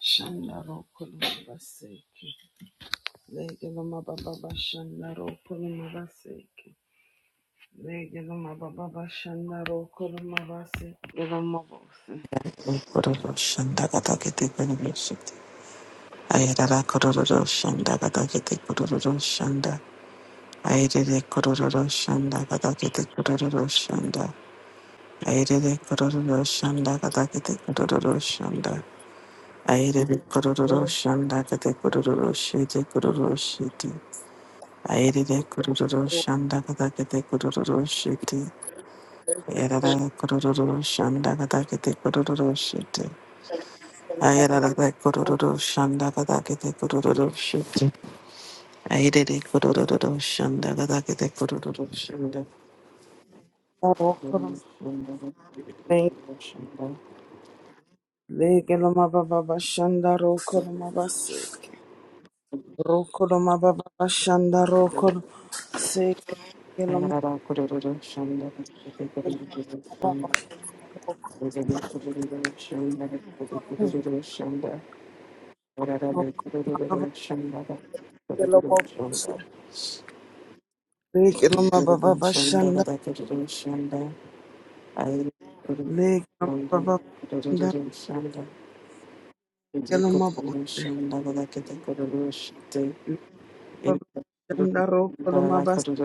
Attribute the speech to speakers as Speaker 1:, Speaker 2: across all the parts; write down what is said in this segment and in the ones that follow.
Speaker 1: Shandaro Kolumabaseke. Legeloma Baba Shandaro Kolumabaseke. Legeloma Baba Shandaro Kolumabaseke. Legeloma Bose.
Speaker 2: Kororo shandagata kete kororo shite. Ayarara kororo shandagata kete kororo shanda. Ayarere kororo shandagata kete kororo shanda. Ayarere kororo shandagata kete kororo shanda. Ayarere kororo shandagata kororo shite kororo shite. Ayarere kororo shandagata kete kororo shite. Ayarara kororo shandagata kete kororo shite. Ayarada kororo shanda gada kete kororo shite. Ayere kororo shanda gada kete kororo shanda.
Speaker 1: Legeloma Baba Shandaro Kolumabaseke. Rokoloma Baba Shandaro Kolumabaseke. Legeloma
Speaker 2: Ayarada kororo shanda gada kete kororo shanda.
Speaker 1: Baba Shandaro
Speaker 2: Ayere kororo shanda gada kete kororo shanda. Ayarada kororo shanda gada kete kororo shanda.
Speaker 1: Kolumabaseke. Legeloma baba
Speaker 2: Kororo shanda
Speaker 1: bashanda.
Speaker 2: gada kete kororo shanda. Ayere kororo
Speaker 1: Legeloma baba
Speaker 2: shanda gada kete
Speaker 1: bashanda.
Speaker 2: kororo shanda.
Speaker 1: Legeloma bose. Legeloma
Speaker 2: Shanda,
Speaker 1: bashanda ro koloma basanda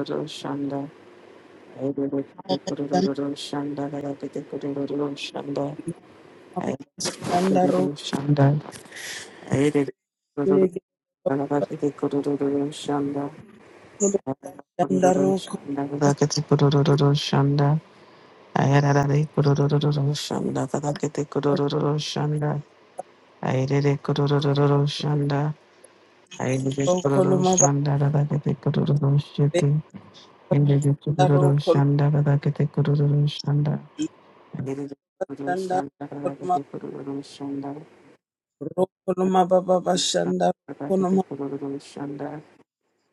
Speaker 1: bashanda ro.
Speaker 2: Aire
Speaker 1: Legeloma bashanda ro
Speaker 2: de kororo shanda, I Shanda,
Speaker 1: koloma basanda ro koloma basanda ro koloma bashanda koloma ro koloma baba bashanda koloma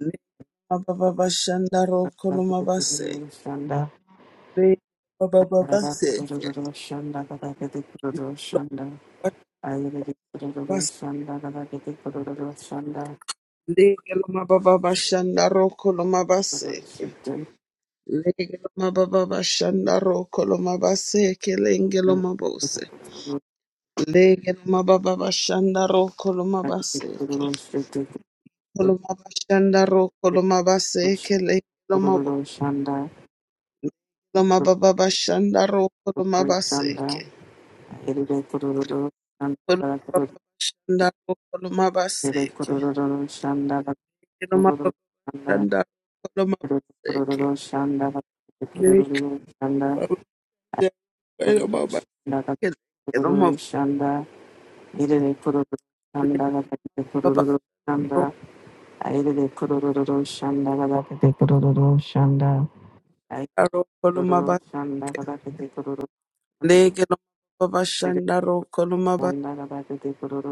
Speaker 1: legeloma baba bashanda ro koloma base. Legeloma baba base. Lege loma baba bashanda roko loma baseke. Lege loma baba bashanda roko loma baseke lenge loma bose. Lege loma baba bashanda roko loma baseke. Loma bashanda roko loma baseke lenge loma bose. Loma baba bashanda roko loma
Speaker 2: Shanda,
Speaker 1: baseke.
Speaker 2: Ede Kururu,
Speaker 1: Loma
Speaker 2: Shanda
Speaker 1: baba bashanda roko loma
Speaker 2: Ede
Speaker 1: baseke.
Speaker 2: Kururu, Shanda,
Speaker 1: Loma
Speaker 2: Kururu,
Speaker 1: baba
Speaker 2: Shanda,
Speaker 1: bashanda roko loma
Speaker 2: Ede
Speaker 1: baseke.
Speaker 2: Kururu, Shanda, Ede
Speaker 1: Lege
Speaker 2: Kururu, Shanda,
Speaker 1: loma
Speaker 2: Kururu,
Speaker 1: baba
Speaker 2: Shanda,
Speaker 1: bashanda roko loma baseke.
Speaker 2: Kururu, Shanda, Ede Kururu, Shanda, Ede Kururu, Shanda, Ede
Speaker 1: Baba
Speaker 2: Kururu, Shanda, Ede Kururu, Shanda, Ede Kururu, Shanda, Ede Kururu, Shanda, Ede
Speaker 1: ro koloma ba lege lo baba shanda ro koloma ba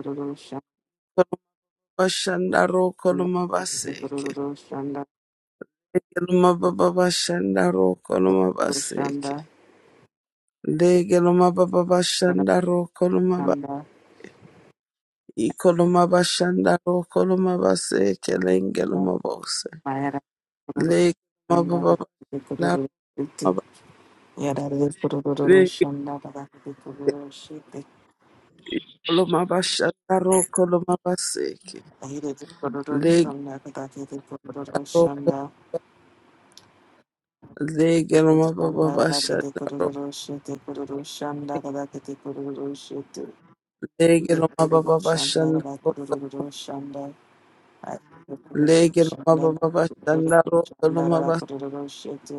Speaker 2: Kururu, Shanda,
Speaker 1: koloma shanda ro koloma ba
Speaker 2: Ede
Speaker 1: seke
Speaker 2: Kururu, Shanda,
Speaker 1: lege lo baba ba shanda ro koloma ba seke
Speaker 2: Roshanda,
Speaker 1: lege lo baba ba shanda ro koloma ba
Speaker 2: Radashanda,
Speaker 1: i koloma ba shanda ro koloma ba seke lenge lo baba use
Speaker 2: Mayara, Roshanda,
Speaker 1: lege lo baba ba shanda
Speaker 2: Radhikuru, Shiti,
Speaker 1: ro ba
Speaker 2: Yara, Roshanda,
Speaker 1: lege
Speaker 2: Roshanda, Radhikuru, Shiti,
Speaker 1: i koloma ba shanda ro koloma ba seke
Speaker 2: Ahira,
Speaker 1: lege
Speaker 2: Roshanda, Radhikuru,
Speaker 1: ro
Speaker 2: Roshanda,
Speaker 1: Legelo
Speaker 2: Roshanda,
Speaker 1: mababa
Speaker 2: Radhikuru,
Speaker 1: shandaro.
Speaker 2: Roshiti, Roshanda, Radhikuru, Shiti, Roshanda, Radhikuru, Roshanda,
Speaker 1: Legelo
Speaker 2: Radhikuru, Roshanda,
Speaker 1: mababa shandaro.
Speaker 2: Radhikuru, Roshanda,
Speaker 1: Legelo mababa shandaro.
Speaker 2: Radhikuru, Shiti,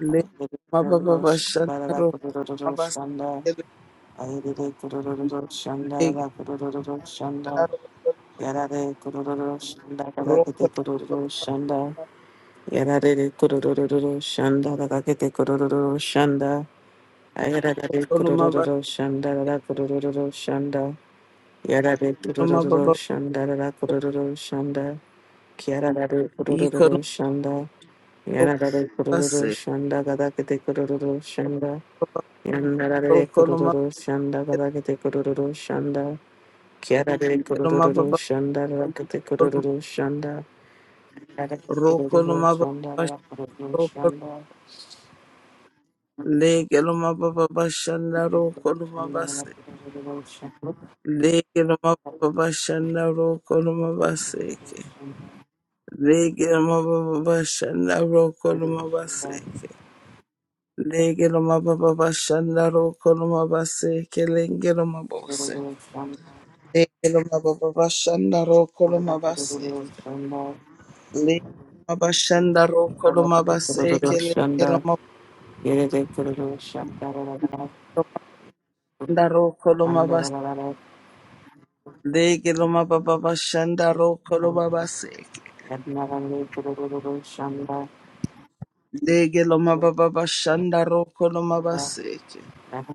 Speaker 1: Legelo mababa
Speaker 2: Yada
Speaker 1: mababa shandaro. Mababa legelo roko roko
Speaker 2: Yarada kururu shanda
Speaker 1: mababa mababa ikolo mababa se
Speaker 2: gada kete kururu shanda. Yandarare
Speaker 1: roko mababa
Speaker 2: kurururu shanda kadakete kurururu shanda. Kiarare kurururu
Speaker 1: mababa
Speaker 2: shanda rakete kurururu shanda. Kiarare
Speaker 1: roko
Speaker 2: kurururu
Speaker 1: mababa
Speaker 2: shanda rakete
Speaker 1: roko
Speaker 2: shanda.
Speaker 1: legelo mababa shandaro. Legelo
Speaker 2: Shanda
Speaker 1: mababa
Speaker 2: rakete shanda.
Speaker 1: Lege no mababa bashana roko no mabaseke. Lege no mababa bashana roko no mabaseke. Lege no mababa bashana roko no mabaseke. Lege no mabose.
Speaker 2: Kurururu shanda.
Speaker 1: Lege no mababa bashana roko no
Speaker 2: rakete
Speaker 1: mabaseke.
Speaker 2: Kurururu shanda.
Speaker 1: Lege mabashana roko no
Speaker 2: Kurururu
Speaker 1: mabaseke. Lege
Speaker 2: shanda. Yerete kurururu shanda rakete shanda rakete shanda.
Speaker 1: mabanda roko no mabaseke. Lege no mababa bashanda roko no
Speaker 2: Yandarare
Speaker 1: mabaseke.
Speaker 2: kurururu shanda.
Speaker 1: Lege lo mababa bashanda roko lo
Speaker 2: Shanda
Speaker 1: mabaseke.
Speaker 2: Shanda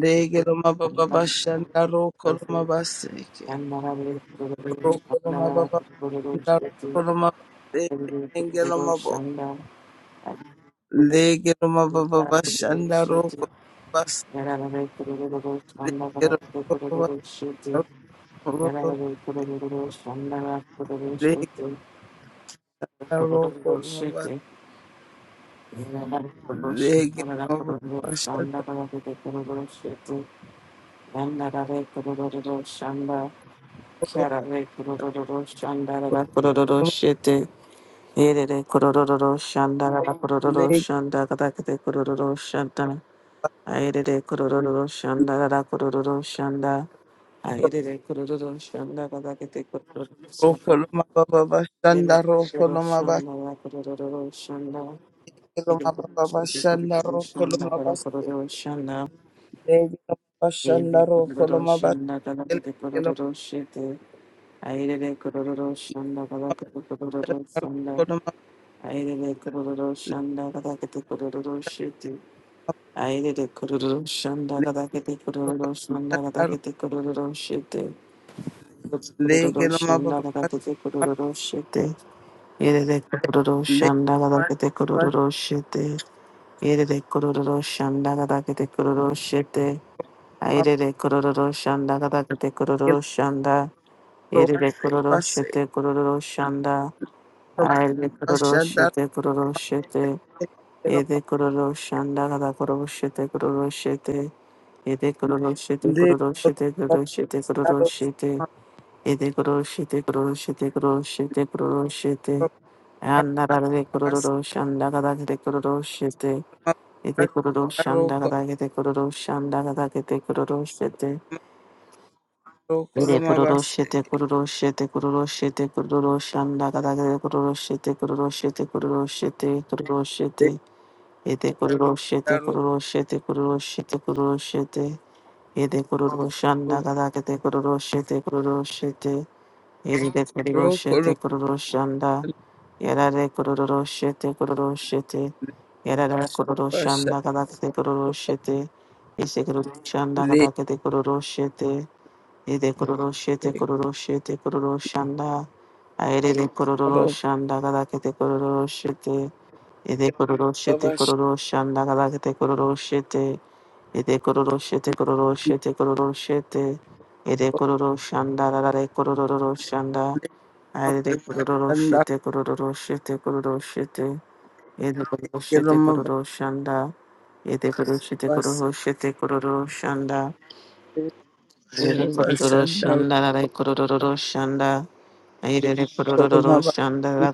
Speaker 1: Lege lo mababa bashanda roko lo mabaseke. Roko lo mababa bashanda roko lo mabaseke. Lege lo mababa. Lege lo mababa bashanda roko lo mabaseke. Lege lo mababa roko loma baseke. lege roko lo mabaseke. Lege lo mababa bashanda roko lo mabaseke.
Speaker 2: Karare kororo shandara kororo shete. Erere kororo shandara kororo
Speaker 1: Lege
Speaker 2: shanda katakete kororo shantana. Aerere kororo shandara kororo shanda. Aerere kororo shanda katakete kororo
Speaker 1: roko
Speaker 2: shanda.
Speaker 1: lo mababa bashanda
Speaker 2: Erere
Speaker 1: roko
Speaker 2: kororo
Speaker 1: lo mabaseke.
Speaker 2: shandara kororo shanda.
Speaker 1: Koloma
Speaker 2: Erere
Speaker 1: baba shanda ro
Speaker 2: kororo shandara
Speaker 1: koloma baste
Speaker 2: kororo shanda.
Speaker 1: lege lo baba shanda
Speaker 2: Erere
Speaker 1: ro
Speaker 2: kororo
Speaker 1: koloma baste
Speaker 2: shanda
Speaker 1: lege lo
Speaker 2: kororo shete. Aire kororo shanda kada kete kororo
Speaker 1: baba
Speaker 2: shanda.
Speaker 1: koloma
Speaker 2: Aire kororo shanda kada kete kororo shiti. Aire kororo shanda
Speaker 1: lege lo
Speaker 2: kada kete
Speaker 1: baba
Speaker 2: kororo shanda
Speaker 1: shanda
Speaker 2: kada
Speaker 1: ro
Speaker 2: kete kororo shiti.
Speaker 1: lege
Speaker 2: Kororo
Speaker 1: lo baba
Speaker 2: shanda kada
Speaker 1: shanda
Speaker 2: kete kororo shiti. Aire kororo
Speaker 1: lege
Speaker 2: shanda kada kete
Speaker 1: lo baba
Speaker 2: kororo shiti. Aire kororo shanda kada kete kororo shiti.
Speaker 1: lege
Speaker 2: Aire kororo shanda kada kete kororo shanda.
Speaker 1: lo
Speaker 2: Aire
Speaker 1: baba
Speaker 2: kororo
Speaker 1: se
Speaker 2: shete kororo shanda.
Speaker 1: lo
Speaker 2: Aile
Speaker 1: baba shanda ro
Speaker 2: kuroshete kuroshete
Speaker 1: lege lo
Speaker 2: ede
Speaker 1: baba
Speaker 2: kuroshanda kada kuroshete kuroshete ede kuroshete
Speaker 1: lege lo
Speaker 2: kuroshete
Speaker 1: baba
Speaker 2: kuroshete kuroshete ede kuroshete kuroshete kuroshete
Speaker 1: ro
Speaker 2: kuroshete anarare
Speaker 1: baba se
Speaker 2: kuroshanda kada kete kuroshete
Speaker 1: baba
Speaker 2: ede
Speaker 1: shanda ro
Speaker 2: kuroshanda kada
Speaker 1: koloma
Speaker 2: kete kuroshanda kada kete kuroshete
Speaker 1: ro
Speaker 2: ede
Speaker 1: koloma baste
Speaker 2: kuroshete kuroshete kuroshete kuroshanda kada kete kuroshete kuroshete kuroshete kuroshete
Speaker 1: lege
Speaker 2: Ete kururoshete
Speaker 1: lo
Speaker 2: kururoshete kururoshete kururoshete. Ete kururoshanda kadakete kururoshete kururoshete. Ete
Speaker 1: ro
Speaker 2: kururoshete
Speaker 1: koloma
Speaker 2: kururoshanda. Yarare kururoshete kururoshete. Yarare kururoshanda kadakete kururoshete. Ese kururoshanda
Speaker 1: Lese
Speaker 2: kadakete kururoshete. Ete kururoshete kururoshete kururoshanda. Ayere
Speaker 1: karo
Speaker 2: kururoshanda kadakete kururoshete. Ede
Speaker 1: kero
Speaker 2: kororo shete
Speaker 1: babashanda
Speaker 2: kororo shanda galakete kororo shete. Ede kororo shete kororo shete kororo shete. Ede kororo shanda rarare kororo shanda. Ede kororo
Speaker 1: babashanda
Speaker 2: shete kororo shete kororo shete. Ede kororo
Speaker 1: kero
Speaker 2: shete kororo shanda. Ede kororo shete
Speaker 1: mababase
Speaker 2: kororo shete kororo shanda.
Speaker 1: kero
Speaker 2: Ede kororo
Speaker 1: babashanda
Speaker 2: shanda rarare Ede kororo shanda rarare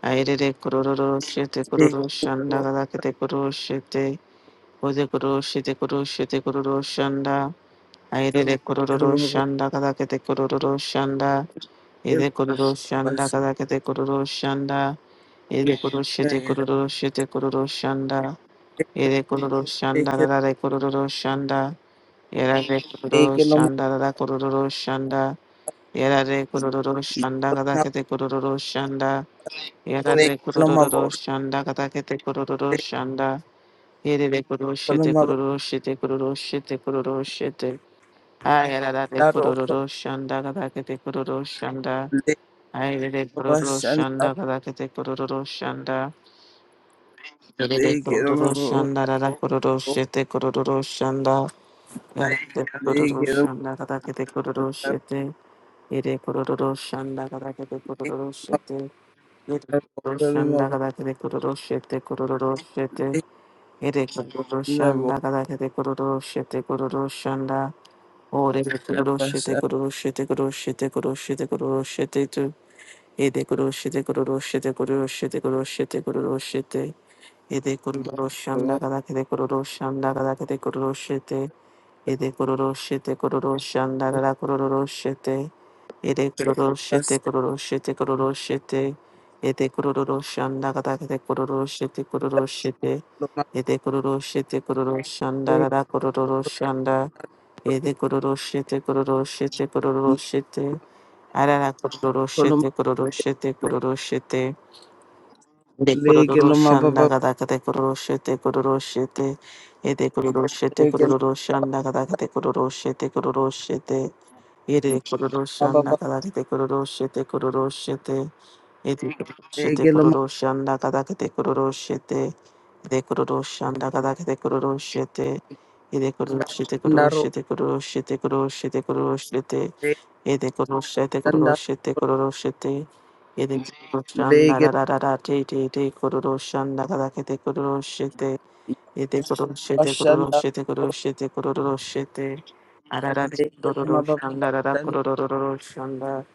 Speaker 2: Airere kororo shete kororo shanda galakete kororo shete ode kororo shete kororo shete kororo shanda airere
Speaker 1: kero mababase kero kero babashanda kero kero mababase kero
Speaker 2: kororo
Speaker 1: mababase kero mababaro
Speaker 2: shanda galakete kororo shanda
Speaker 1: kero
Speaker 2: ede kororo
Speaker 1: babashanda kero
Speaker 2: shanda
Speaker 1: mababase kero mababase kero
Speaker 2: galakete kororo shanda ede kororo
Speaker 1: mababase
Speaker 2: shete
Speaker 1: kero
Speaker 2: kororo shete kororo shanda ede kororo shanda galare kororo shanda erare kororo shanda galare kororo shanda erare kororo shanda galakete kororo shanda Yarare kororo shanda katakete kororo shanda. Yerere kororo shete kororo shete kororo shete kororo shete. Ayarare kororo shanda katakete kororo shanda. Ayarare kororo shanda katakete kororo shanda. Yerere kororo shanda rara kororo shete kororo shanda. Yarare kororo shanda katakete kororo shete. Yere kororo shanda katakete kororo shete. Roshanda Gadakete Kuroshete Kuroshete Ere Kuroshanda Gadakete Kuroshete Kuroshanda Ore Kuroshete Kuroshete Kuroshete Kuroshete Kuroshete Tu Ede Kuroshete Kuroshete Kuroshete Kuroshete Kuroshete Ede Kuroshanda Gadakete Kuroshanda Gadakete Kuroshete Ede Kuroshete Kuroshanda Gadakete Kuroshete Ede kororo shete kororo shete kororo shete. Ede kororo shanda kata kete kororo shete kororo shete.
Speaker 1: mababase kero mababase
Speaker 2: Ede kororo shete kororo shanda rara kororo shanda. Ede kororo shete kororo shete kororo shete. Arara kororo
Speaker 1: koloma
Speaker 2: shete kororo shete kororo shete. De
Speaker 1: lege
Speaker 2: kororo
Speaker 1: loma
Speaker 2: shanda
Speaker 1: baba
Speaker 2: kata kete kororo shete kororo shete. Ede kororo shete
Speaker 1: lege
Speaker 2: kororo shanda kata kete kororo shete kororo shete. Ere
Speaker 1: loma
Speaker 2: kororo shanda
Speaker 1: baba
Speaker 2: kada kete kororo shete kororo shete. Ere kororo shete
Speaker 1: lege loma
Speaker 2: kororo shanda kada kete kororo shete. Ere kororo shanda kada kete kororo shete. Ere kororo shete kororo
Speaker 1: ndaro
Speaker 2: shete kororo shete kororo shete kororo shete.
Speaker 1: lege
Speaker 2: Ere kororo shete kororo
Speaker 1: ndaro
Speaker 2: shete kororo shete. Ere kororo shanda
Speaker 1: lege
Speaker 2: ra ra ra ra te te te kororo shanda kada Yete koro shete koro
Speaker 1: bashanda
Speaker 2: shete koro shete koro shete. Arara
Speaker 1: lege loma
Speaker 2: koro
Speaker 1: baba
Speaker 2: shanda rara
Speaker 1: bashanda
Speaker 2: koro koro shanda.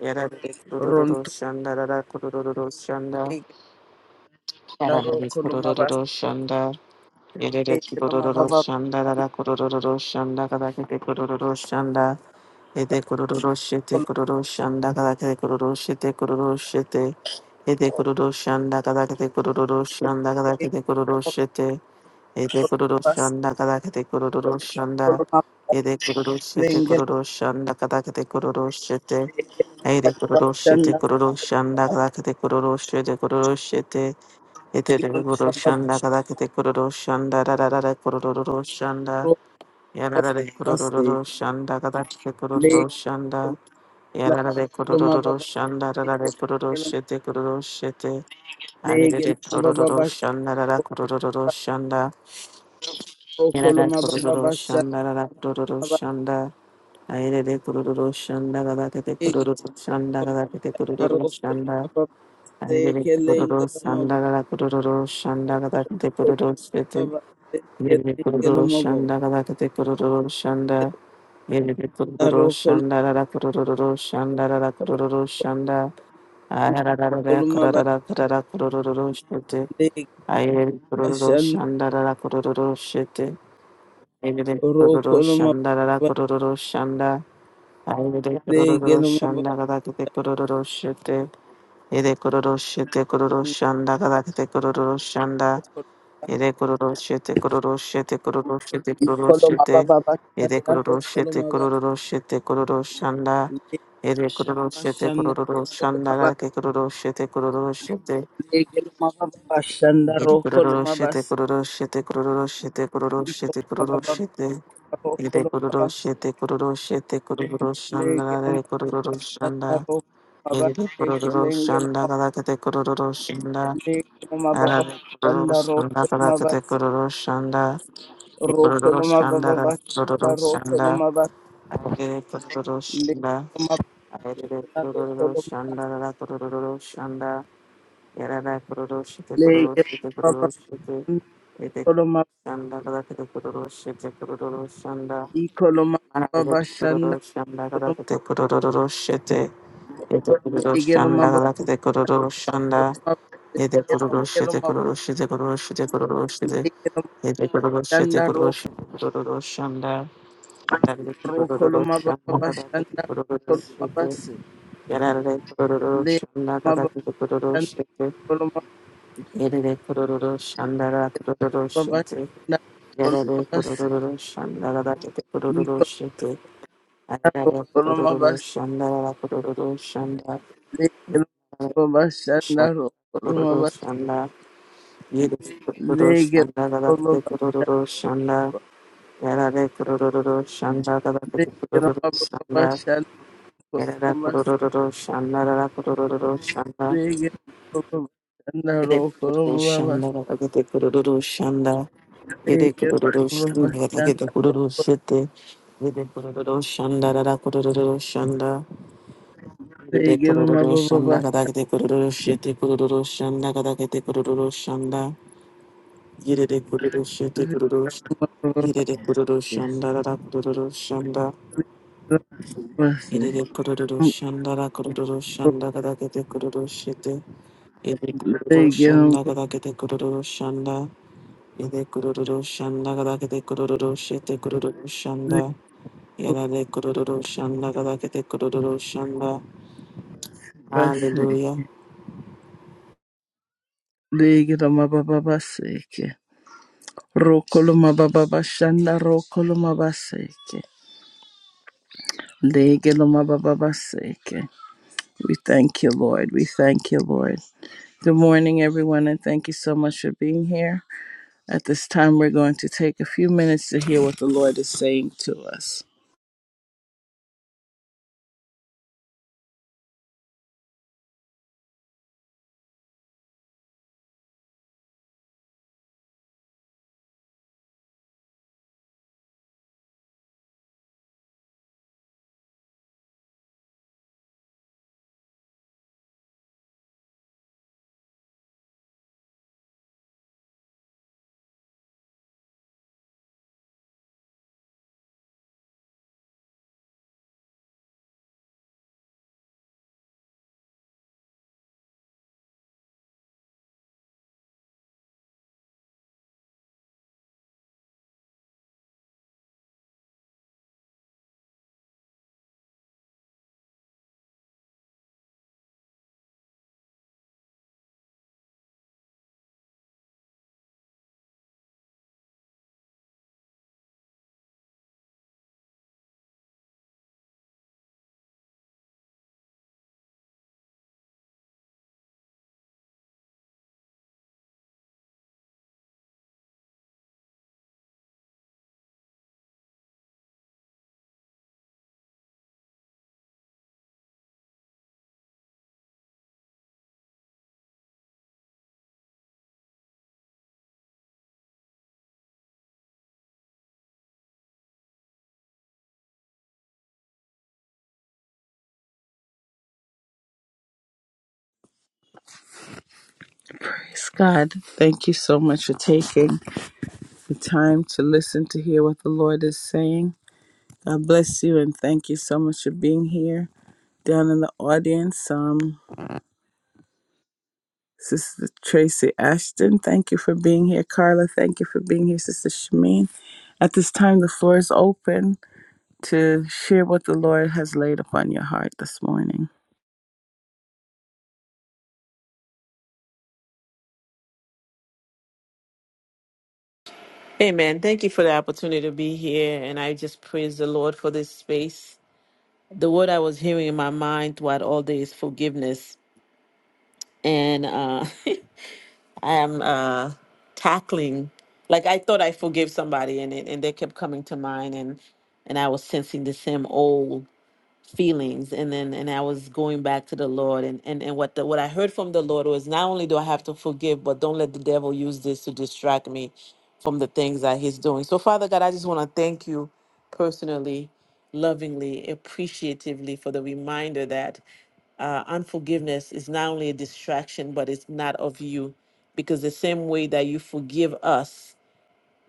Speaker 2: Yara koro koro
Speaker 1: ronto
Speaker 2: shanda rara koro koro shanda.
Speaker 1: lege
Speaker 2: Yara
Speaker 1: ndaro
Speaker 2: koro
Speaker 1: koloma bas
Speaker 2: koro shanda. Yere
Speaker 1: lege
Speaker 2: koro
Speaker 1: loma
Speaker 2: koro
Speaker 1: baba
Speaker 2: shanda rara koro koro shanda kada kete koro koro shanda. Yete koro koro shete
Speaker 1: koloma
Speaker 2: koro koro shanda kada kete koro koro shete koro koro shete. Yete koro koro shanda kada kete shanda kada
Speaker 1: lege
Speaker 2: kete
Speaker 1: koloma
Speaker 2: shete. Ede kororo
Speaker 1: bas
Speaker 2: shanda kada kete kororo shanda.
Speaker 1: koloma
Speaker 2: Ede kororo shete
Speaker 1: lege
Speaker 2: kororo shanda kada kete kororo shete.
Speaker 1: lege loma
Speaker 2: Ede
Speaker 1: baba
Speaker 2: kororo shete
Speaker 1: bashanda
Speaker 2: kororo
Speaker 1: lege
Speaker 2: shanda kada kete kororo shete kororo shete. Ede
Speaker 1: loma
Speaker 2: kororo
Speaker 1: baba
Speaker 2: shanda
Speaker 1: bashanda
Speaker 2: kada kete kororo shanda da da da da kororo shanda.
Speaker 1: koloma
Speaker 2: Yada da da
Speaker 1: bas
Speaker 2: kororo shanda kada kete kororo
Speaker 1: lege
Speaker 2: shanda.
Speaker 1: koloma
Speaker 2: Yada da da
Speaker 1: koloma
Speaker 2: kororo
Speaker 1: baba
Speaker 2: shanda da da
Speaker 1: lege
Speaker 2: shete kororo shete.
Speaker 1: Lege
Speaker 2: Ede
Speaker 1: loma baba
Speaker 2: kororo
Speaker 1: basha
Speaker 2: shanda da da shanda.
Speaker 1: roko
Speaker 2: Yarada
Speaker 1: loma baba
Speaker 2: kururu
Speaker 1: basha
Speaker 2: shanda rada kururu
Speaker 1: baba
Speaker 2: shanda. Ayrede kururu shanda rada kete
Speaker 1: lege
Speaker 2: kururu shanda
Speaker 1: loma
Speaker 2: rada kete
Speaker 1: baba
Speaker 2: kururu
Speaker 1: roko
Speaker 2: shanda.
Speaker 1: loma baba se
Speaker 2: Ayrede
Speaker 1: ke
Speaker 2: kururu
Speaker 1: lenge loma
Speaker 2: shanda
Speaker 1: bo
Speaker 2: rada kururu shanda rada kete kururu
Speaker 1: loma
Speaker 2: shete.
Speaker 1: baba se ke
Speaker 2: Yerede
Speaker 1: lenge
Speaker 2: kururu
Speaker 1: loma bo
Speaker 2: shanda rada kete kururu shanda.
Speaker 1: ke
Speaker 2: Yerede
Speaker 1: la
Speaker 2: kururu
Speaker 1: roko
Speaker 2: shanda rada kururu shanda rada kururu shanda. Ayarada rada
Speaker 1: loma baba
Speaker 2: kurada kurada kururu shete.
Speaker 1: lege
Speaker 2: Ayrede kururu
Speaker 1: basha
Speaker 2: shanda rada kururu shete. Aire
Speaker 1: roko
Speaker 2: kororo
Speaker 1: loma
Speaker 2: shanda rara
Speaker 1: baba
Speaker 2: kororo shanda. Aire
Speaker 1: lege
Speaker 2: kororo
Speaker 1: loma baba
Speaker 2: shanda kada kete kororo shete. Aire kororo shete kororo shanda kada kete kororo shanda. Aire kororo shete kororo shete kororo shete kororo
Speaker 1: iko loma
Speaker 2: shete.
Speaker 1: baba
Speaker 2: Aire
Speaker 1: basha
Speaker 2: kororo
Speaker 1: roko
Speaker 2: shete
Speaker 1: loma baba se
Speaker 2: kororo shete kororo shanda.
Speaker 1: lege
Speaker 2: Aire kororo shete
Speaker 1: basha
Speaker 2: kororo
Speaker 1: roko
Speaker 2: shanda
Speaker 1: loma baba
Speaker 2: kada kete kororo shete kororo shete.
Speaker 1: lege loma baba basha
Speaker 2: Aire
Speaker 1: roko
Speaker 2: kororo
Speaker 1: loma baba
Speaker 2: shete kororo shete kororo shete kororo
Speaker 1: Legelo
Speaker 2: shete kororo
Speaker 1: mabo,
Speaker 2: shete. Ire kororo shete kororo shete kororo shanda rare kororo shanda Ire kororo shanda kada kete kororo shanda Arare kororo shanda kada kete kororo shanda Ire kororo shanda rare kororo shanda Ire kororo shanda Ire kororo shanda rare kororo shanda Yarara kororo shete kororo shete kororo shete Ire shanda kada kete kororo shete kororo shanda Shanda
Speaker 1: legelo mabo, legelo mabo, Rokoloma baba bashanda rokoloma basi le mama bashanda rokoloma baba bashanda rokoloma base ikoloma
Speaker 2: Ayaba
Speaker 1: rokoloma
Speaker 2: kururu
Speaker 1: basi
Speaker 2: shanda kururu shanda
Speaker 1: le mama bashanda
Speaker 2: shanda
Speaker 1: rokoloma
Speaker 2: kururu
Speaker 1: basi
Speaker 2: shanda yedi
Speaker 1: le
Speaker 2: kururu shanda gada
Speaker 1: mama
Speaker 2: kete
Speaker 1: bashanda
Speaker 2: kururu shanda yarare kururu shanda gada
Speaker 1: le
Speaker 2: kete
Speaker 1: mama bashanda rokoloma base le mama bashanda rokoloma base le mama bashanda
Speaker 2: kururu
Speaker 1: rokoloma base le mama
Speaker 2: shanda yarara kururu shanda gada kururu shanda yedi kururu shanda gada kete kururu shanda Yede kururu shanda gada kete kururu shete yedi kururu shanda gada kururu shanda Yete kururu shanda kada kete kururu shete kururu shanda kada kete kururu shanda. Yete kururu shete kururu
Speaker 1: bashanda rokoloma
Speaker 2: yete kururu
Speaker 1: base
Speaker 2: shanda kada kururu shanda.
Speaker 1: Basi,
Speaker 2: Yete kururu shanda kada kururu shanda kada kete kururu shete. Yete kururu
Speaker 1: legelo
Speaker 2: shanda kada kete kururu shanda. Yete kururu shanda kada kete kururu shete kururu shanda. Yete kururu shanda kada kete kururu shanda.
Speaker 1: basi,
Speaker 2: Hallelujah.
Speaker 1: legelo mababa baseke, rokolo mababa bashanda, rokolo mabaseke, legelo mababa baseke. We thank you, Lord. We thank you, Lord. Good morning, everyone, and thank you so much for being here. At this time, we're going to take a few minutes to hear what the Lord is saying to us. Praise God. Thank you so much for taking the time to listen to hear what the Lord is saying. God bless you and thank you so much for being here. Down in the audience, um, Sister Tracy Ashton, thank you for being here. Carla, thank you for being here. Sister Shamin, at this time, the floor is open to share what the Lord has laid upon your heart this morning.
Speaker 2: Amen. Thank you for the opportunity to be here. And I just praise the Lord for this space. The word I was hearing in my mind throughout all day is forgiveness. And uh, I am uh, tackling, like, I thought I forgave somebody, and, it, and they kept coming to mind. And, and I was sensing the same old feelings and then and I was going back to the Lord and and, and what the, what I heard from the Lord was not only do I have to forgive but don't let the devil use this to distract me from the things that he's doing. So Father God, I just want to thank you personally, lovingly, appreciatively for the reminder that uh, unforgiveness is not only a distraction but it's not of you because the same way that you forgive us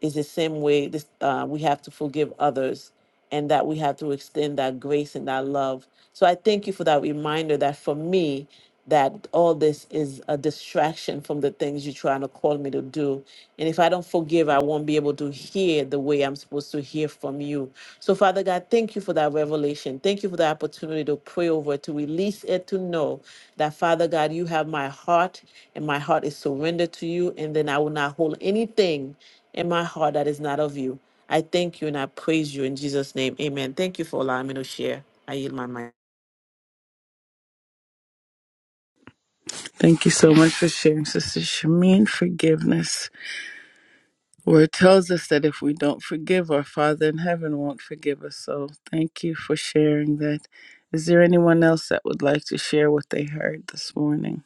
Speaker 2: is the same way this, uh, we have to forgive others and that we have to extend that grace and that love. So I thank you for that reminder that for me, that all this is a distraction from the things you're trying to call me to do. And if I don't forgive, I won't be able to hear the way I'm supposed to hear from you. So, Father God, thank you for that revelation. Thank you for the opportunity to pray over it, to release it, to know that, Father God, you have my heart and my heart is surrendered to you. And then I will not hold anything in my heart that is not of you. I thank you and I praise you in Jesus' name. Amen. Thank you for allowing me to share. I yield my mind.
Speaker 1: Thank you so much for sharing, Sister Shamin. Forgiveness. Where it tells us that if we don't forgive, our Father in heaven won't forgive us. So thank you for sharing that. Is there anyone else that would like to share what they heard this morning?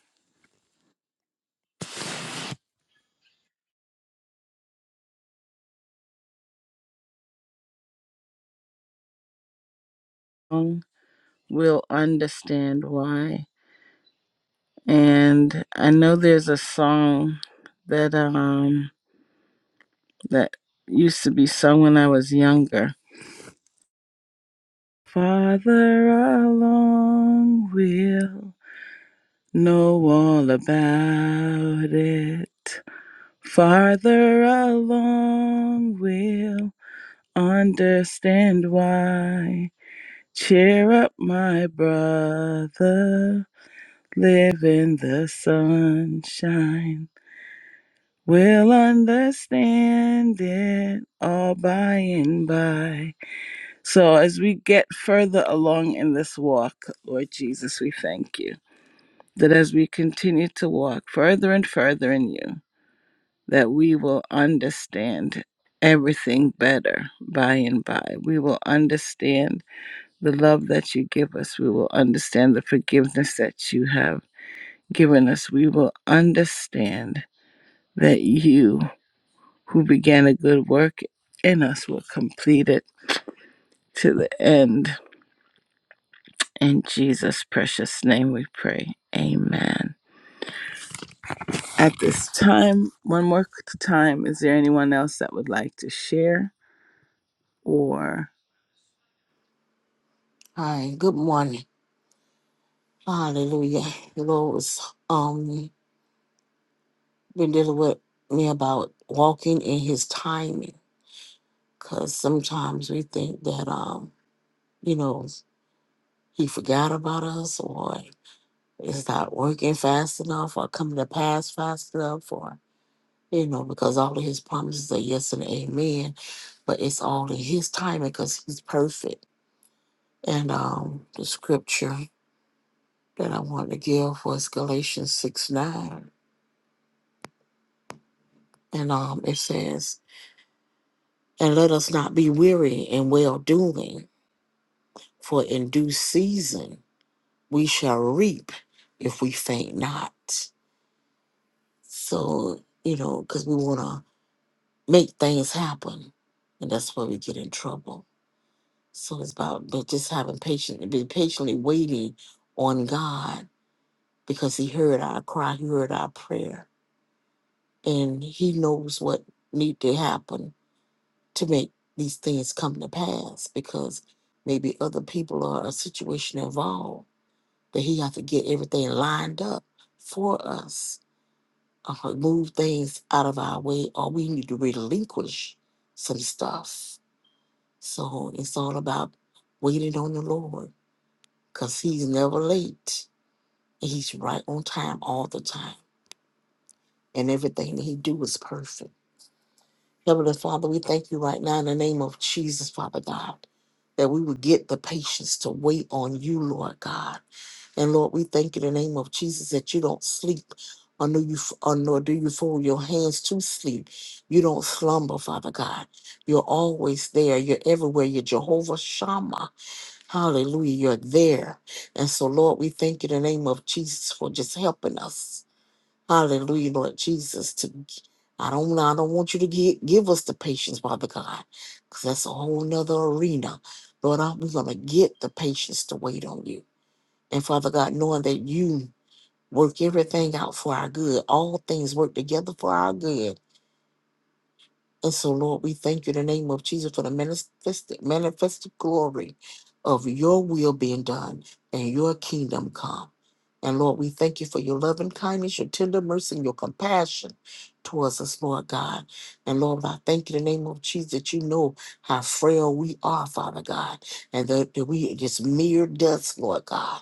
Speaker 1: Um, We'll understand why. And I know there's a song that um that used to be sung when I was younger. Father I long will know all about it. Farther along, we'll understand why. Cheer up, my brother. Live in the sunshine. We'll understand it all by and by. So, as we get further along in this walk, Lord Jesus, we thank you that as we continue to walk further and further in you, that we will understand everything better by and by. We will understand the love that you give us. We will understand the forgiveness that you have given us. We will understand that you, who began a good work in us, will complete it to the end. In Jesus' precious name we pray. Amen. At this time, one more time, is there anyone else that would like to share or?
Speaker 3: Hi, good morning. Hallelujah. The Lord was um been dealing with me about walking in his timing. Cause sometimes we think that um, you know, he forgot about us or it's not working fast enough or coming to pass fast enough or you know, because all of his promises are yes and amen, but it's all in his timing because he's perfect. And um the scripture that I wanted to give was Galatians six nine. and um, it says, "And let us not be weary in well doing, for in due season we shall reap if we faint not." So you know, because we want to make things happen, and that's where we get in trouble. So it's about but just having patience, be patiently waiting on God because He heard our cry, He heard our prayer, and He knows what need to happen to make these things come to pass because maybe other people or a situation involved that he got to get everything lined up for us or move things out of our way or we need to relinquish some stuff so it's all about waiting on the lord because he's never late he's right on time all the time and everything that he do is perfect Heavenly Father, we thank you right now in the name of Jesus, Father God, that we would get the patience to wait on you, Lord God. And Lord, we thank you in the name of Jesus that you don't sleep. Or, know you, or nor do you fold your hands to sleep. You don't slumber, Father God. You're always there. You're everywhere. You're Jehovah Shammah. Hallelujah. You're there. And so, Lord, we thank you in the name of Jesus for just helping us Hallelujah, Lord Jesus. To I don't I don't want you to get, give us the patience, Father God, because that's a whole nother arena. Lord, I, we're gonna get the patience to wait on you. And Father God, knowing that you work everything out for our good, all things work together for our good and so, Lord, we thank you in the name of Jesus for the manifested, manifested glory of your will being done and your kingdom come. And Lord, we thank you for your loving kindness, your tender mercy, and your compassion towards us, Lord God. And Lord, I thank you in the name of Jesus that you know how frail we are, Father God, and that, that we are just mere dust, Lord God.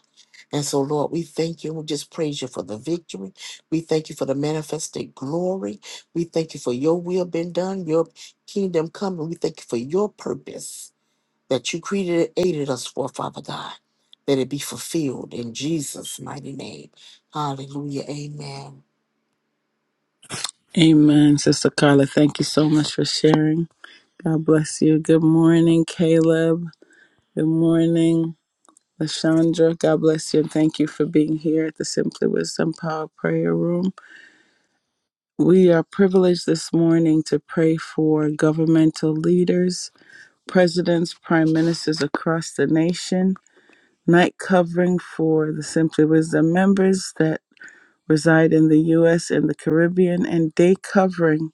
Speaker 3: And so, Lord, we thank you. We just praise you for the victory. We thank you for the manifested glory. We thank you for your will being done, your kingdom coming. We thank you for your purpose that you created and aided us for, Father God. That it be fulfilled in Jesus' mighty name. Hallelujah. Amen.
Speaker 1: Amen, Sister Carla. Thank you so much for sharing. God bless you. Good morning, Caleb. Good morning, Lashandra. God bless you and thank you for being here at the Simply Wisdom Power Prayer Room. We are privileged this morning to pray for governmental leaders, presidents, prime ministers across the nation, night covering for the Simply Wisdom members that reside in the U.S. and the Caribbean, and day covering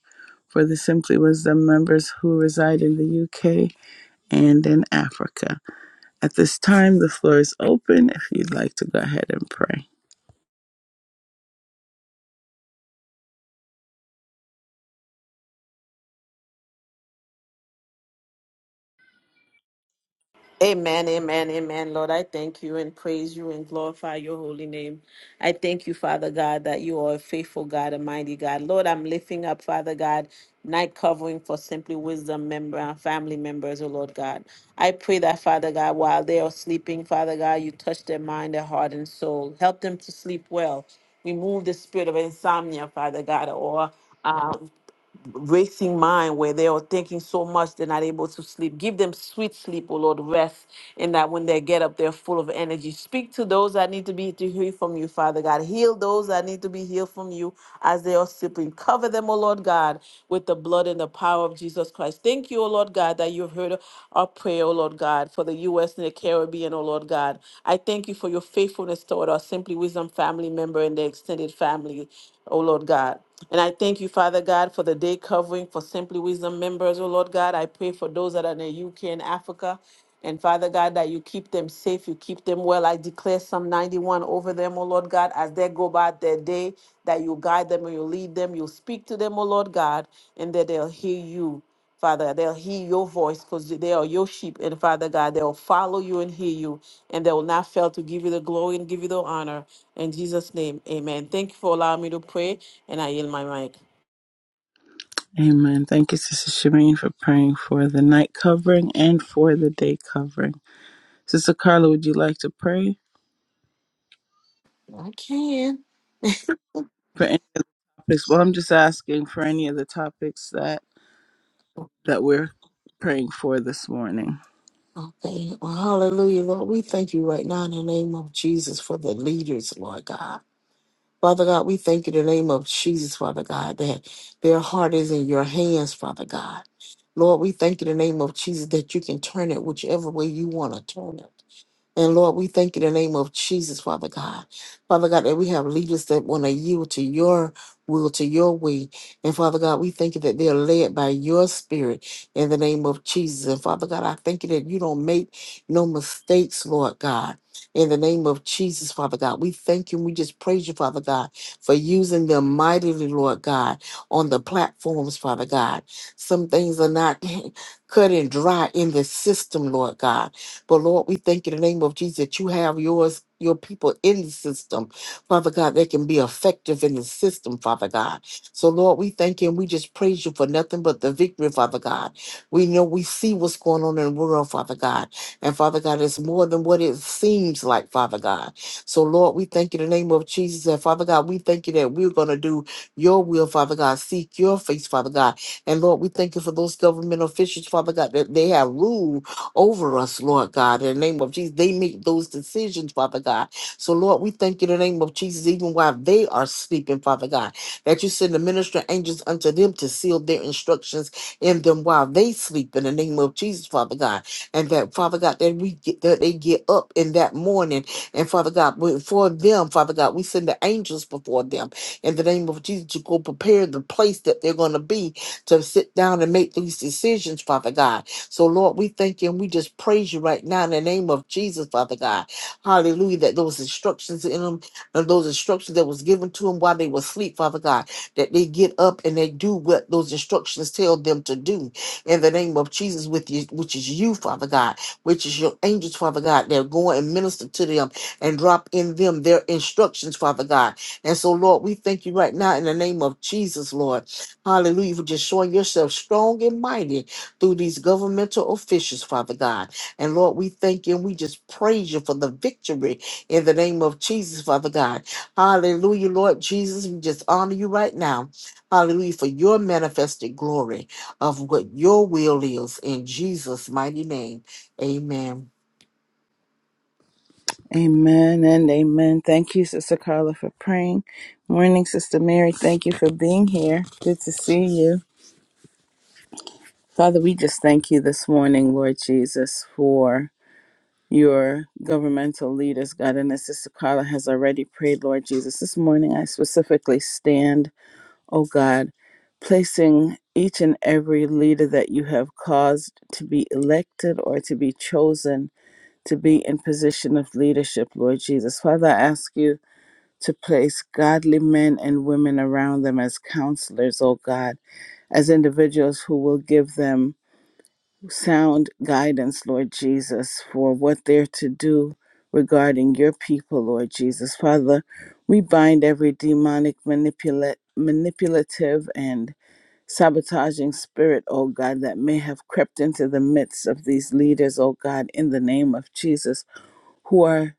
Speaker 1: for the Simply Wisdom members who reside in the UK and in Africa. At this time, the floor is open if you'd like to go ahead and pray.
Speaker 2: Amen, amen, amen. Lord, I thank you and praise you and glorify your holy name. I thank you, Father God, that you are a faithful God, a mighty God. Lord, I'm lifting up, Father God, night covering for Simply Wisdom member and family members, oh Lord God. I pray that, Father God, while they are sleeping, Father God, you touch their mind, their heart, and soul. Help them to sleep well. Remove the spirit of insomnia, Father God, or um, racing mind where they are thinking so much they're not able to sleep. Give them sweet sleep, O Lord, rest, and that when they get up, they're full of energy. Speak to those that need to be to hear from you, Father God. Heal those that need to be healed from you as they are sleeping. Cover them, O Lord God, with the blood and the power of Jesus Christ. Thank you, O Lord God, that you've heard our prayer, O Lord God, for the U.S. and the Caribbean, O Lord God. I thank you for your faithfulness toward our Simply Wisdom family member and their extended family, O Lord God. And I thank you, Father God, for the day covering for Simply Wisdom members. Oh, Lord God, I pray for those that are in the UK and Africa. And Father God, that you keep them safe, you keep them well. I declare Psalm 91 over them, oh Lord God, as they go about their day, that you guide them and you lead them, you speak to them, oh Lord God, and that they'll hear you. Father, they'll hear your voice because they are your sheep. And Father God, they'll follow you and hear you. And they will not fail to give you the glory and give you the honor. In Jesus' name, amen. Thank you for allowing me to pray. And I yield my mic.
Speaker 1: Amen. Thank you, Sister Shemaine, for praying for the night covering and for the day covering. Sister Carla, would you like to pray
Speaker 3: I can.
Speaker 1: for any topics? Well, I'm just asking for any of the topics that that we're praying for this morning.
Speaker 3: Okay. Well, hallelujah, Lord. We thank you right now in the name of Jesus for the leaders, Lord God. Father God, we thank you in the name of Jesus, Father God, that their heart is in your hands, Father God. Lord, we thank you in the name of Jesus that you can turn it whichever way you want to turn it. And Lord, we thank you in the name of Jesus, Father God. Father God, that we have leaders that want to yield to your will, to your way. And Father God, we thank you that they're led by your spirit in the name of Jesus. And Father God, I thank you that you don't make no mistakes, Lord God. In the name of Jesus, Father God, we thank you and we just praise you, Father God, for using them mightily, Lord God, on the platforms, Father God. Some things are not cut and dry in the system, Lord God. But Lord, we thank you in the name of Jesus that you have yours, your people in the system, Father God, that can be effective in the system, Father God. So Lord, we thank you and we just praise you for nothing but the victory, Father God. We know we see what's going on in the world, Father God. And Father God, it's more than what it seems like, Father God. So Lord, we thank you in the name of Jesus. And Father God, we thank you that we're going to do your will, Father God. Seek your face, Father God. And Lord, we thank you for those government officials, Father God, that they have ruled over us, Lord God. In the name of Jesus, they make those decisions, Father God. So, Lord, we thank you in the name of Jesus, even while they are sleeping, Father God, that you send the minister angels unto them to seal their instructions in them while they sleep in the name of Jesus, Father God. And that, Father God, that we get that they get up in that morning. And Father God, we- for them, Father God, we send the angels before them in the name of Jesus to go prepare the place that they're going to be to sit down and make these decisions, Father God. So, Lord, we thank you and we just praise you right now in the name of Jesus, Father God. Hallelujah. That those instructions in them, and those instructions that was given to them while they were asleep, Father God, that they get up and they do what those instructions tell them to do in the name of Jesus, with you, which is you, Father God, which is your angels, Father God. They're going and minister to them and drop in them their instructions, Father God. And so, Lord, we thank you right now in the name of Jesus, Lord. Hallelujah. For just showing yourself strong and mighty through these governmental officials, Father God. And Lord, we thank you and we just praise you for the victory in the name of Jesus, Father God. Hallelujah, Lord Jesus. We just honor you right now. Hallelujah, for your manifested glory of what your will is in Jesus' mighty name. Amen.
Speaker 1: Amen and amen. Thank you, Sister Carla, for praying. Morning, Sister Mary. Thank you for being here. Good to see you. Father, we just thank you this morning, Lord Jesus, for your governmental leaders, God. And as Sister Carla has already prayed, Lord Jesus, this morning I specifically stand, oh God, placing each and every leader that you have caused to be elected or to be chosen to be in position of leadership, Lord Jesus. Father, I ask you to place godly men and women around them as counselors, O God, as individuals who will give them sound guidance, Lord Jesus, for what they're to do regarding your people, Lord Jesus. Father, we bind every demonic manipula- manipulative and sabotaging spirit, O God, that may have crept into the midst of these leaders, O God, in the name of Jesus who are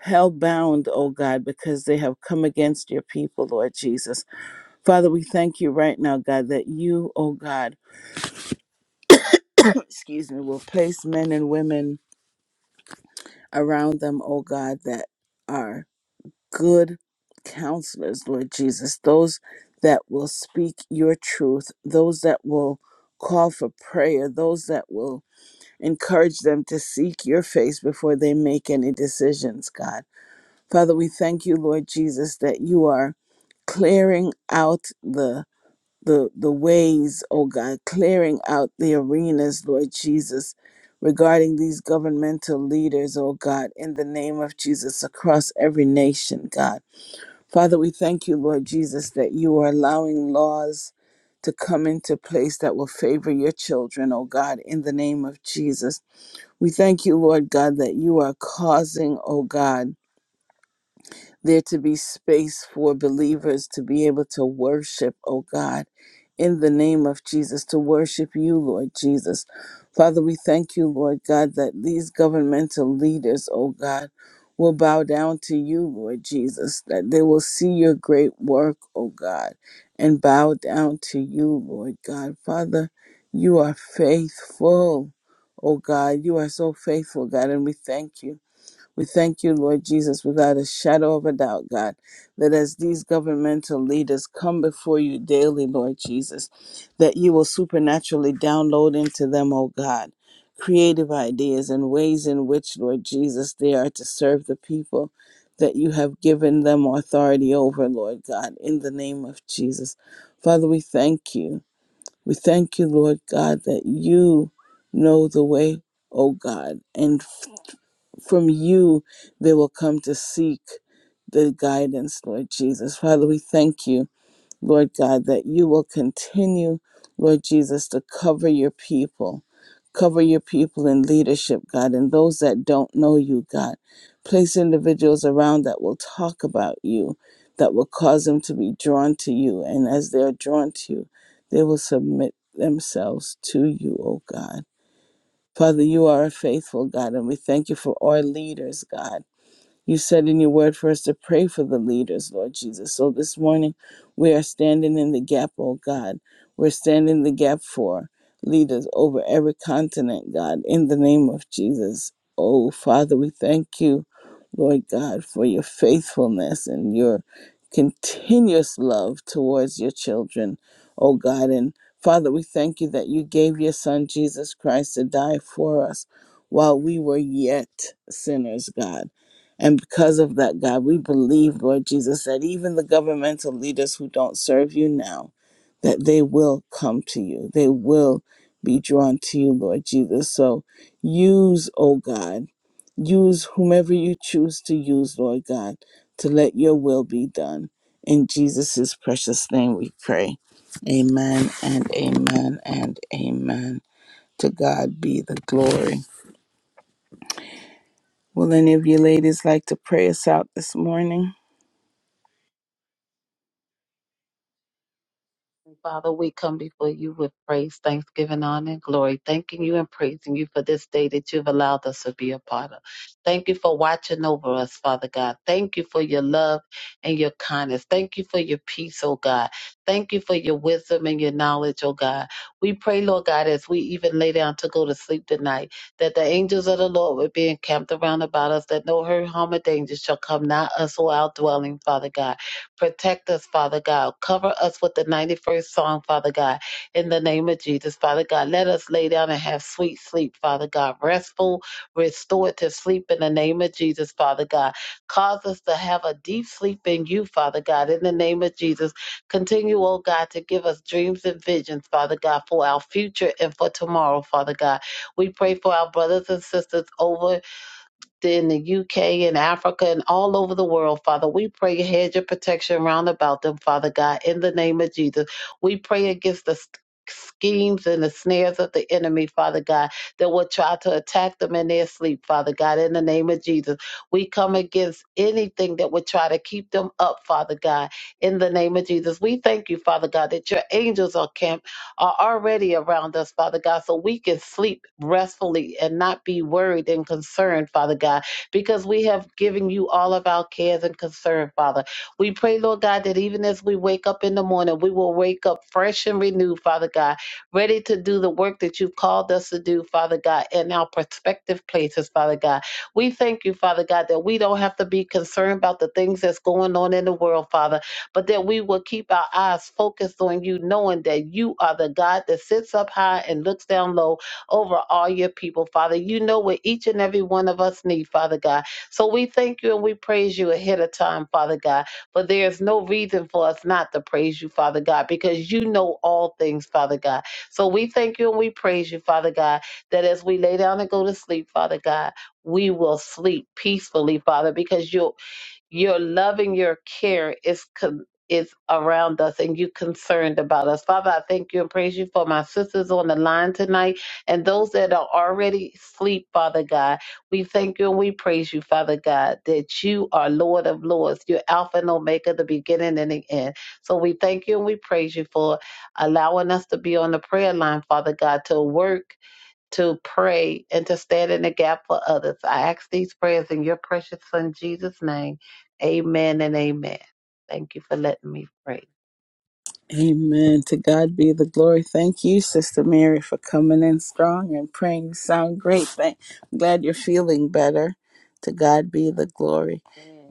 Speaker 1: held bound, oh God, because they have come against your people, Lord Jesus. Father, we thank you right now, God, that you, oh God, excuse me, will place men and women around them, oh God, that are good counselors, Lord Jesus, those that will speak your truth, those that will call for prayer, those that will encourage them to seek your face before they make any decisions, God. Father, we thank you, Lord Jesus, that you are clearing out the the the ways, oh God, clearing out the arenas, Lord Jesus, regarding these governmental leaders, oh God, in the name of Jesus across every nation, God. Father, we thank you, Lord Jesus, that you are allowing laws to come into place that will favor your children, oh God, in the name of Jesus. We thank you, Lord God, that you are causing, oh God, there to be space for believers to be able to worship, oh God, in the name of Jesus, to worship you, Lord Jesus. Father, we thank you, Lord God, that these governmental leaders, oh God, will bow down to you, Lord Jesus, that they will see your great work, oh God, and bow down to you, Lord God. Father, you are faithful, oh God. You are so faithful, God, and we thank you. We thank you, Lord Jesus, without a shadow of a doubt, God, that as these governmental leaders come before you daily, Lord Jesus, that you will supernaturally download into them, oh God, creative ideas and ways in which, Lord Jesus, they are to serve the people that you have given them authority over, Lord God, in the name of Jesus. Father, we thank you. We thank you, Lord God, that you know the way, oh God, and from you they will come to seek the guidance, Lord Jesus. Father, we thank you, Lord God, that you will continue, Lord Jesus, to cover your people. Cover your people in leadership, God, and those that don't know you, God. Place individuals around that will talk about you, that will cause them to be drawn to you. And as they are drawn to you, they will submit themselves to you, O God. Father, you are a faithful God, and we thank you for our leaders, God. You said in your word for us to pray for the leaders, Lord Jesus. So this morning, we are standing in the gap, oh God. We're standing in the gap for leaders over every continent, God, in the name of Jesus. Oh, Father, we thank you, Lord God, for your faithfulness and your continuous love towards your children, oh God. And Father, we thank you that you gave your Son, Jesus Christ, to die for us while we were yet sinners, God. And because of that, God, we believe, Lord Jesus, that even the governmental leaders who don't serve you now, that they will come to you. They will be drawn to you, Lord Jesus. So use, oh God, use whomever you choose to use, Lord God, to let your will be done. In Jesus' precious name we pray. Amen and amen and amen. To God be the glory. Will any of you ladies like to pray us out this morning?
Speaker 4: And Father, we come before you with praise, thanksgiving, honor, and glory, thanking you and praising you for this day that you've allowed us to be a part of. Thank you for watching over us, Father God. Thank you for your love and your kindness. Thank you for your peace, oh God. Thank you for your wisdom and your knowledge, oh God. We pray, Lord God, as we even lay down to go to sleep tonight, that the angels of the Lord would be encamped around about us, that no hurt, harm, or danger shall come nigh us or our dwelling, Father God. Protect us, Father God. Cover us with the 91st song, Father God, in the name of Jesus, Father God. Let us lay down and have sweet sleep, Father God. Restful, restorative sleep in the name of Jesus, Father God. Cause us to have a deep sleep in you, Father God, in the name of Jesus. Continue, oh God, to give us dreams and visions, Father God, for our future and for tomorrow, Father God. We pray for our brothers and sisters over in the UK and Africa and all over the world, Father. We pray a hedge of protection round about them, Father God, in the name of Jesus. We pray against the st- schemes and the snares of the enemy, Father God, that will try to attack them in their sleep, Father God, in the name of Jesus. We come against anything that would try to keep them up, Father God, in the name of Jesus. We thank you, Father God, that your angels are camped are already around us, Father God, so we can sleep restfully and not be worried and concerned, Father God, because we have given you all of our cares and concern, Father. We pray, Lord God, that even as we wake up in the morning, we will wake up fresh and renewed, Father God, ready to do the work that you've called us to do, Father God, in our prospective places, Father God. We thank you, Father God, that we don't have to be concerned about the things that's going on in the world, Father but that we will keep our eyes focused on you, knowing that you are the God that sits up high and looks down low over all your people, Father. You know what each and every one of us need, Father God. So we thank you and we praise you ahead of time, Father God. But there is no reason for us not to praise you, Father God, because you know all things, Father God. So we thank you and we praise you, Father God, that as we lay down and go to sleep, Father God, we will sleep peacefully, Father, because you're your love and your care is con- is around us and you concerned about us. Father, I thank you and praise you for my sisters on the line tonight and those that are already asleep, Father God. We thank you and we praise you, Father God, that you are Lord of Lords. You're Alpha and Omega, the beginning and the end. So we thank you and we praise you for allowing us to be on the prayer line, Father God, to work to pray and to stand in the gap for others. I ask these prayers in your precious son Jesus' name. Amen and amen. Thank you for letting me pray.
Speaker 1: Amen. To God be the glory. Thank you, Sister Mary, for coming in strong and praying. You sound great. Thank, I'm glad you're feeling better. To God be the glory.
Speaker 4: Amen.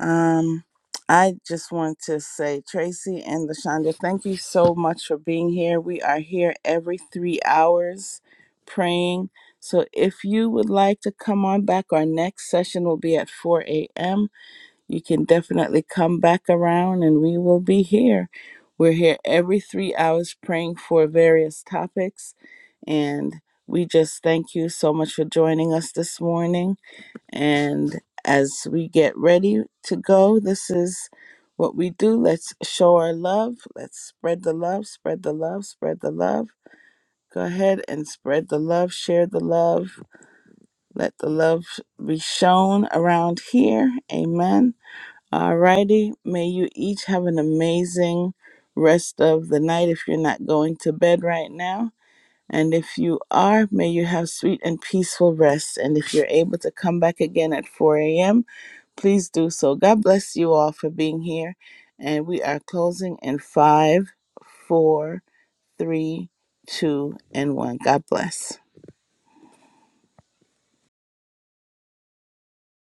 Speaker 1: Um, I just want to say, Tracy and Lashonda, thank you so much for being here. We are here every three hours praying. So if you would like to come on back, our next session will be at 4 a.m you can definitely come back around and we will be here. We're here every three hours praying for various topics. And we just thank you so much for joining us this morning. And as we get ready to go, this is what we do. Let's show our love. Let's spread the love, spread the love, spread the love. Go ahead and spread the love, share the love. Let the love be shown around here. Amen. Alrighty, may you each have an amazing rest of the night if you're not going to bed right now. And if you are, may you have sweet and peaceful rest. And if you're able to come back again at 4 a.m., please do so. God bless you all for being here. And we are closing in five, four, three, two, and one. God bless.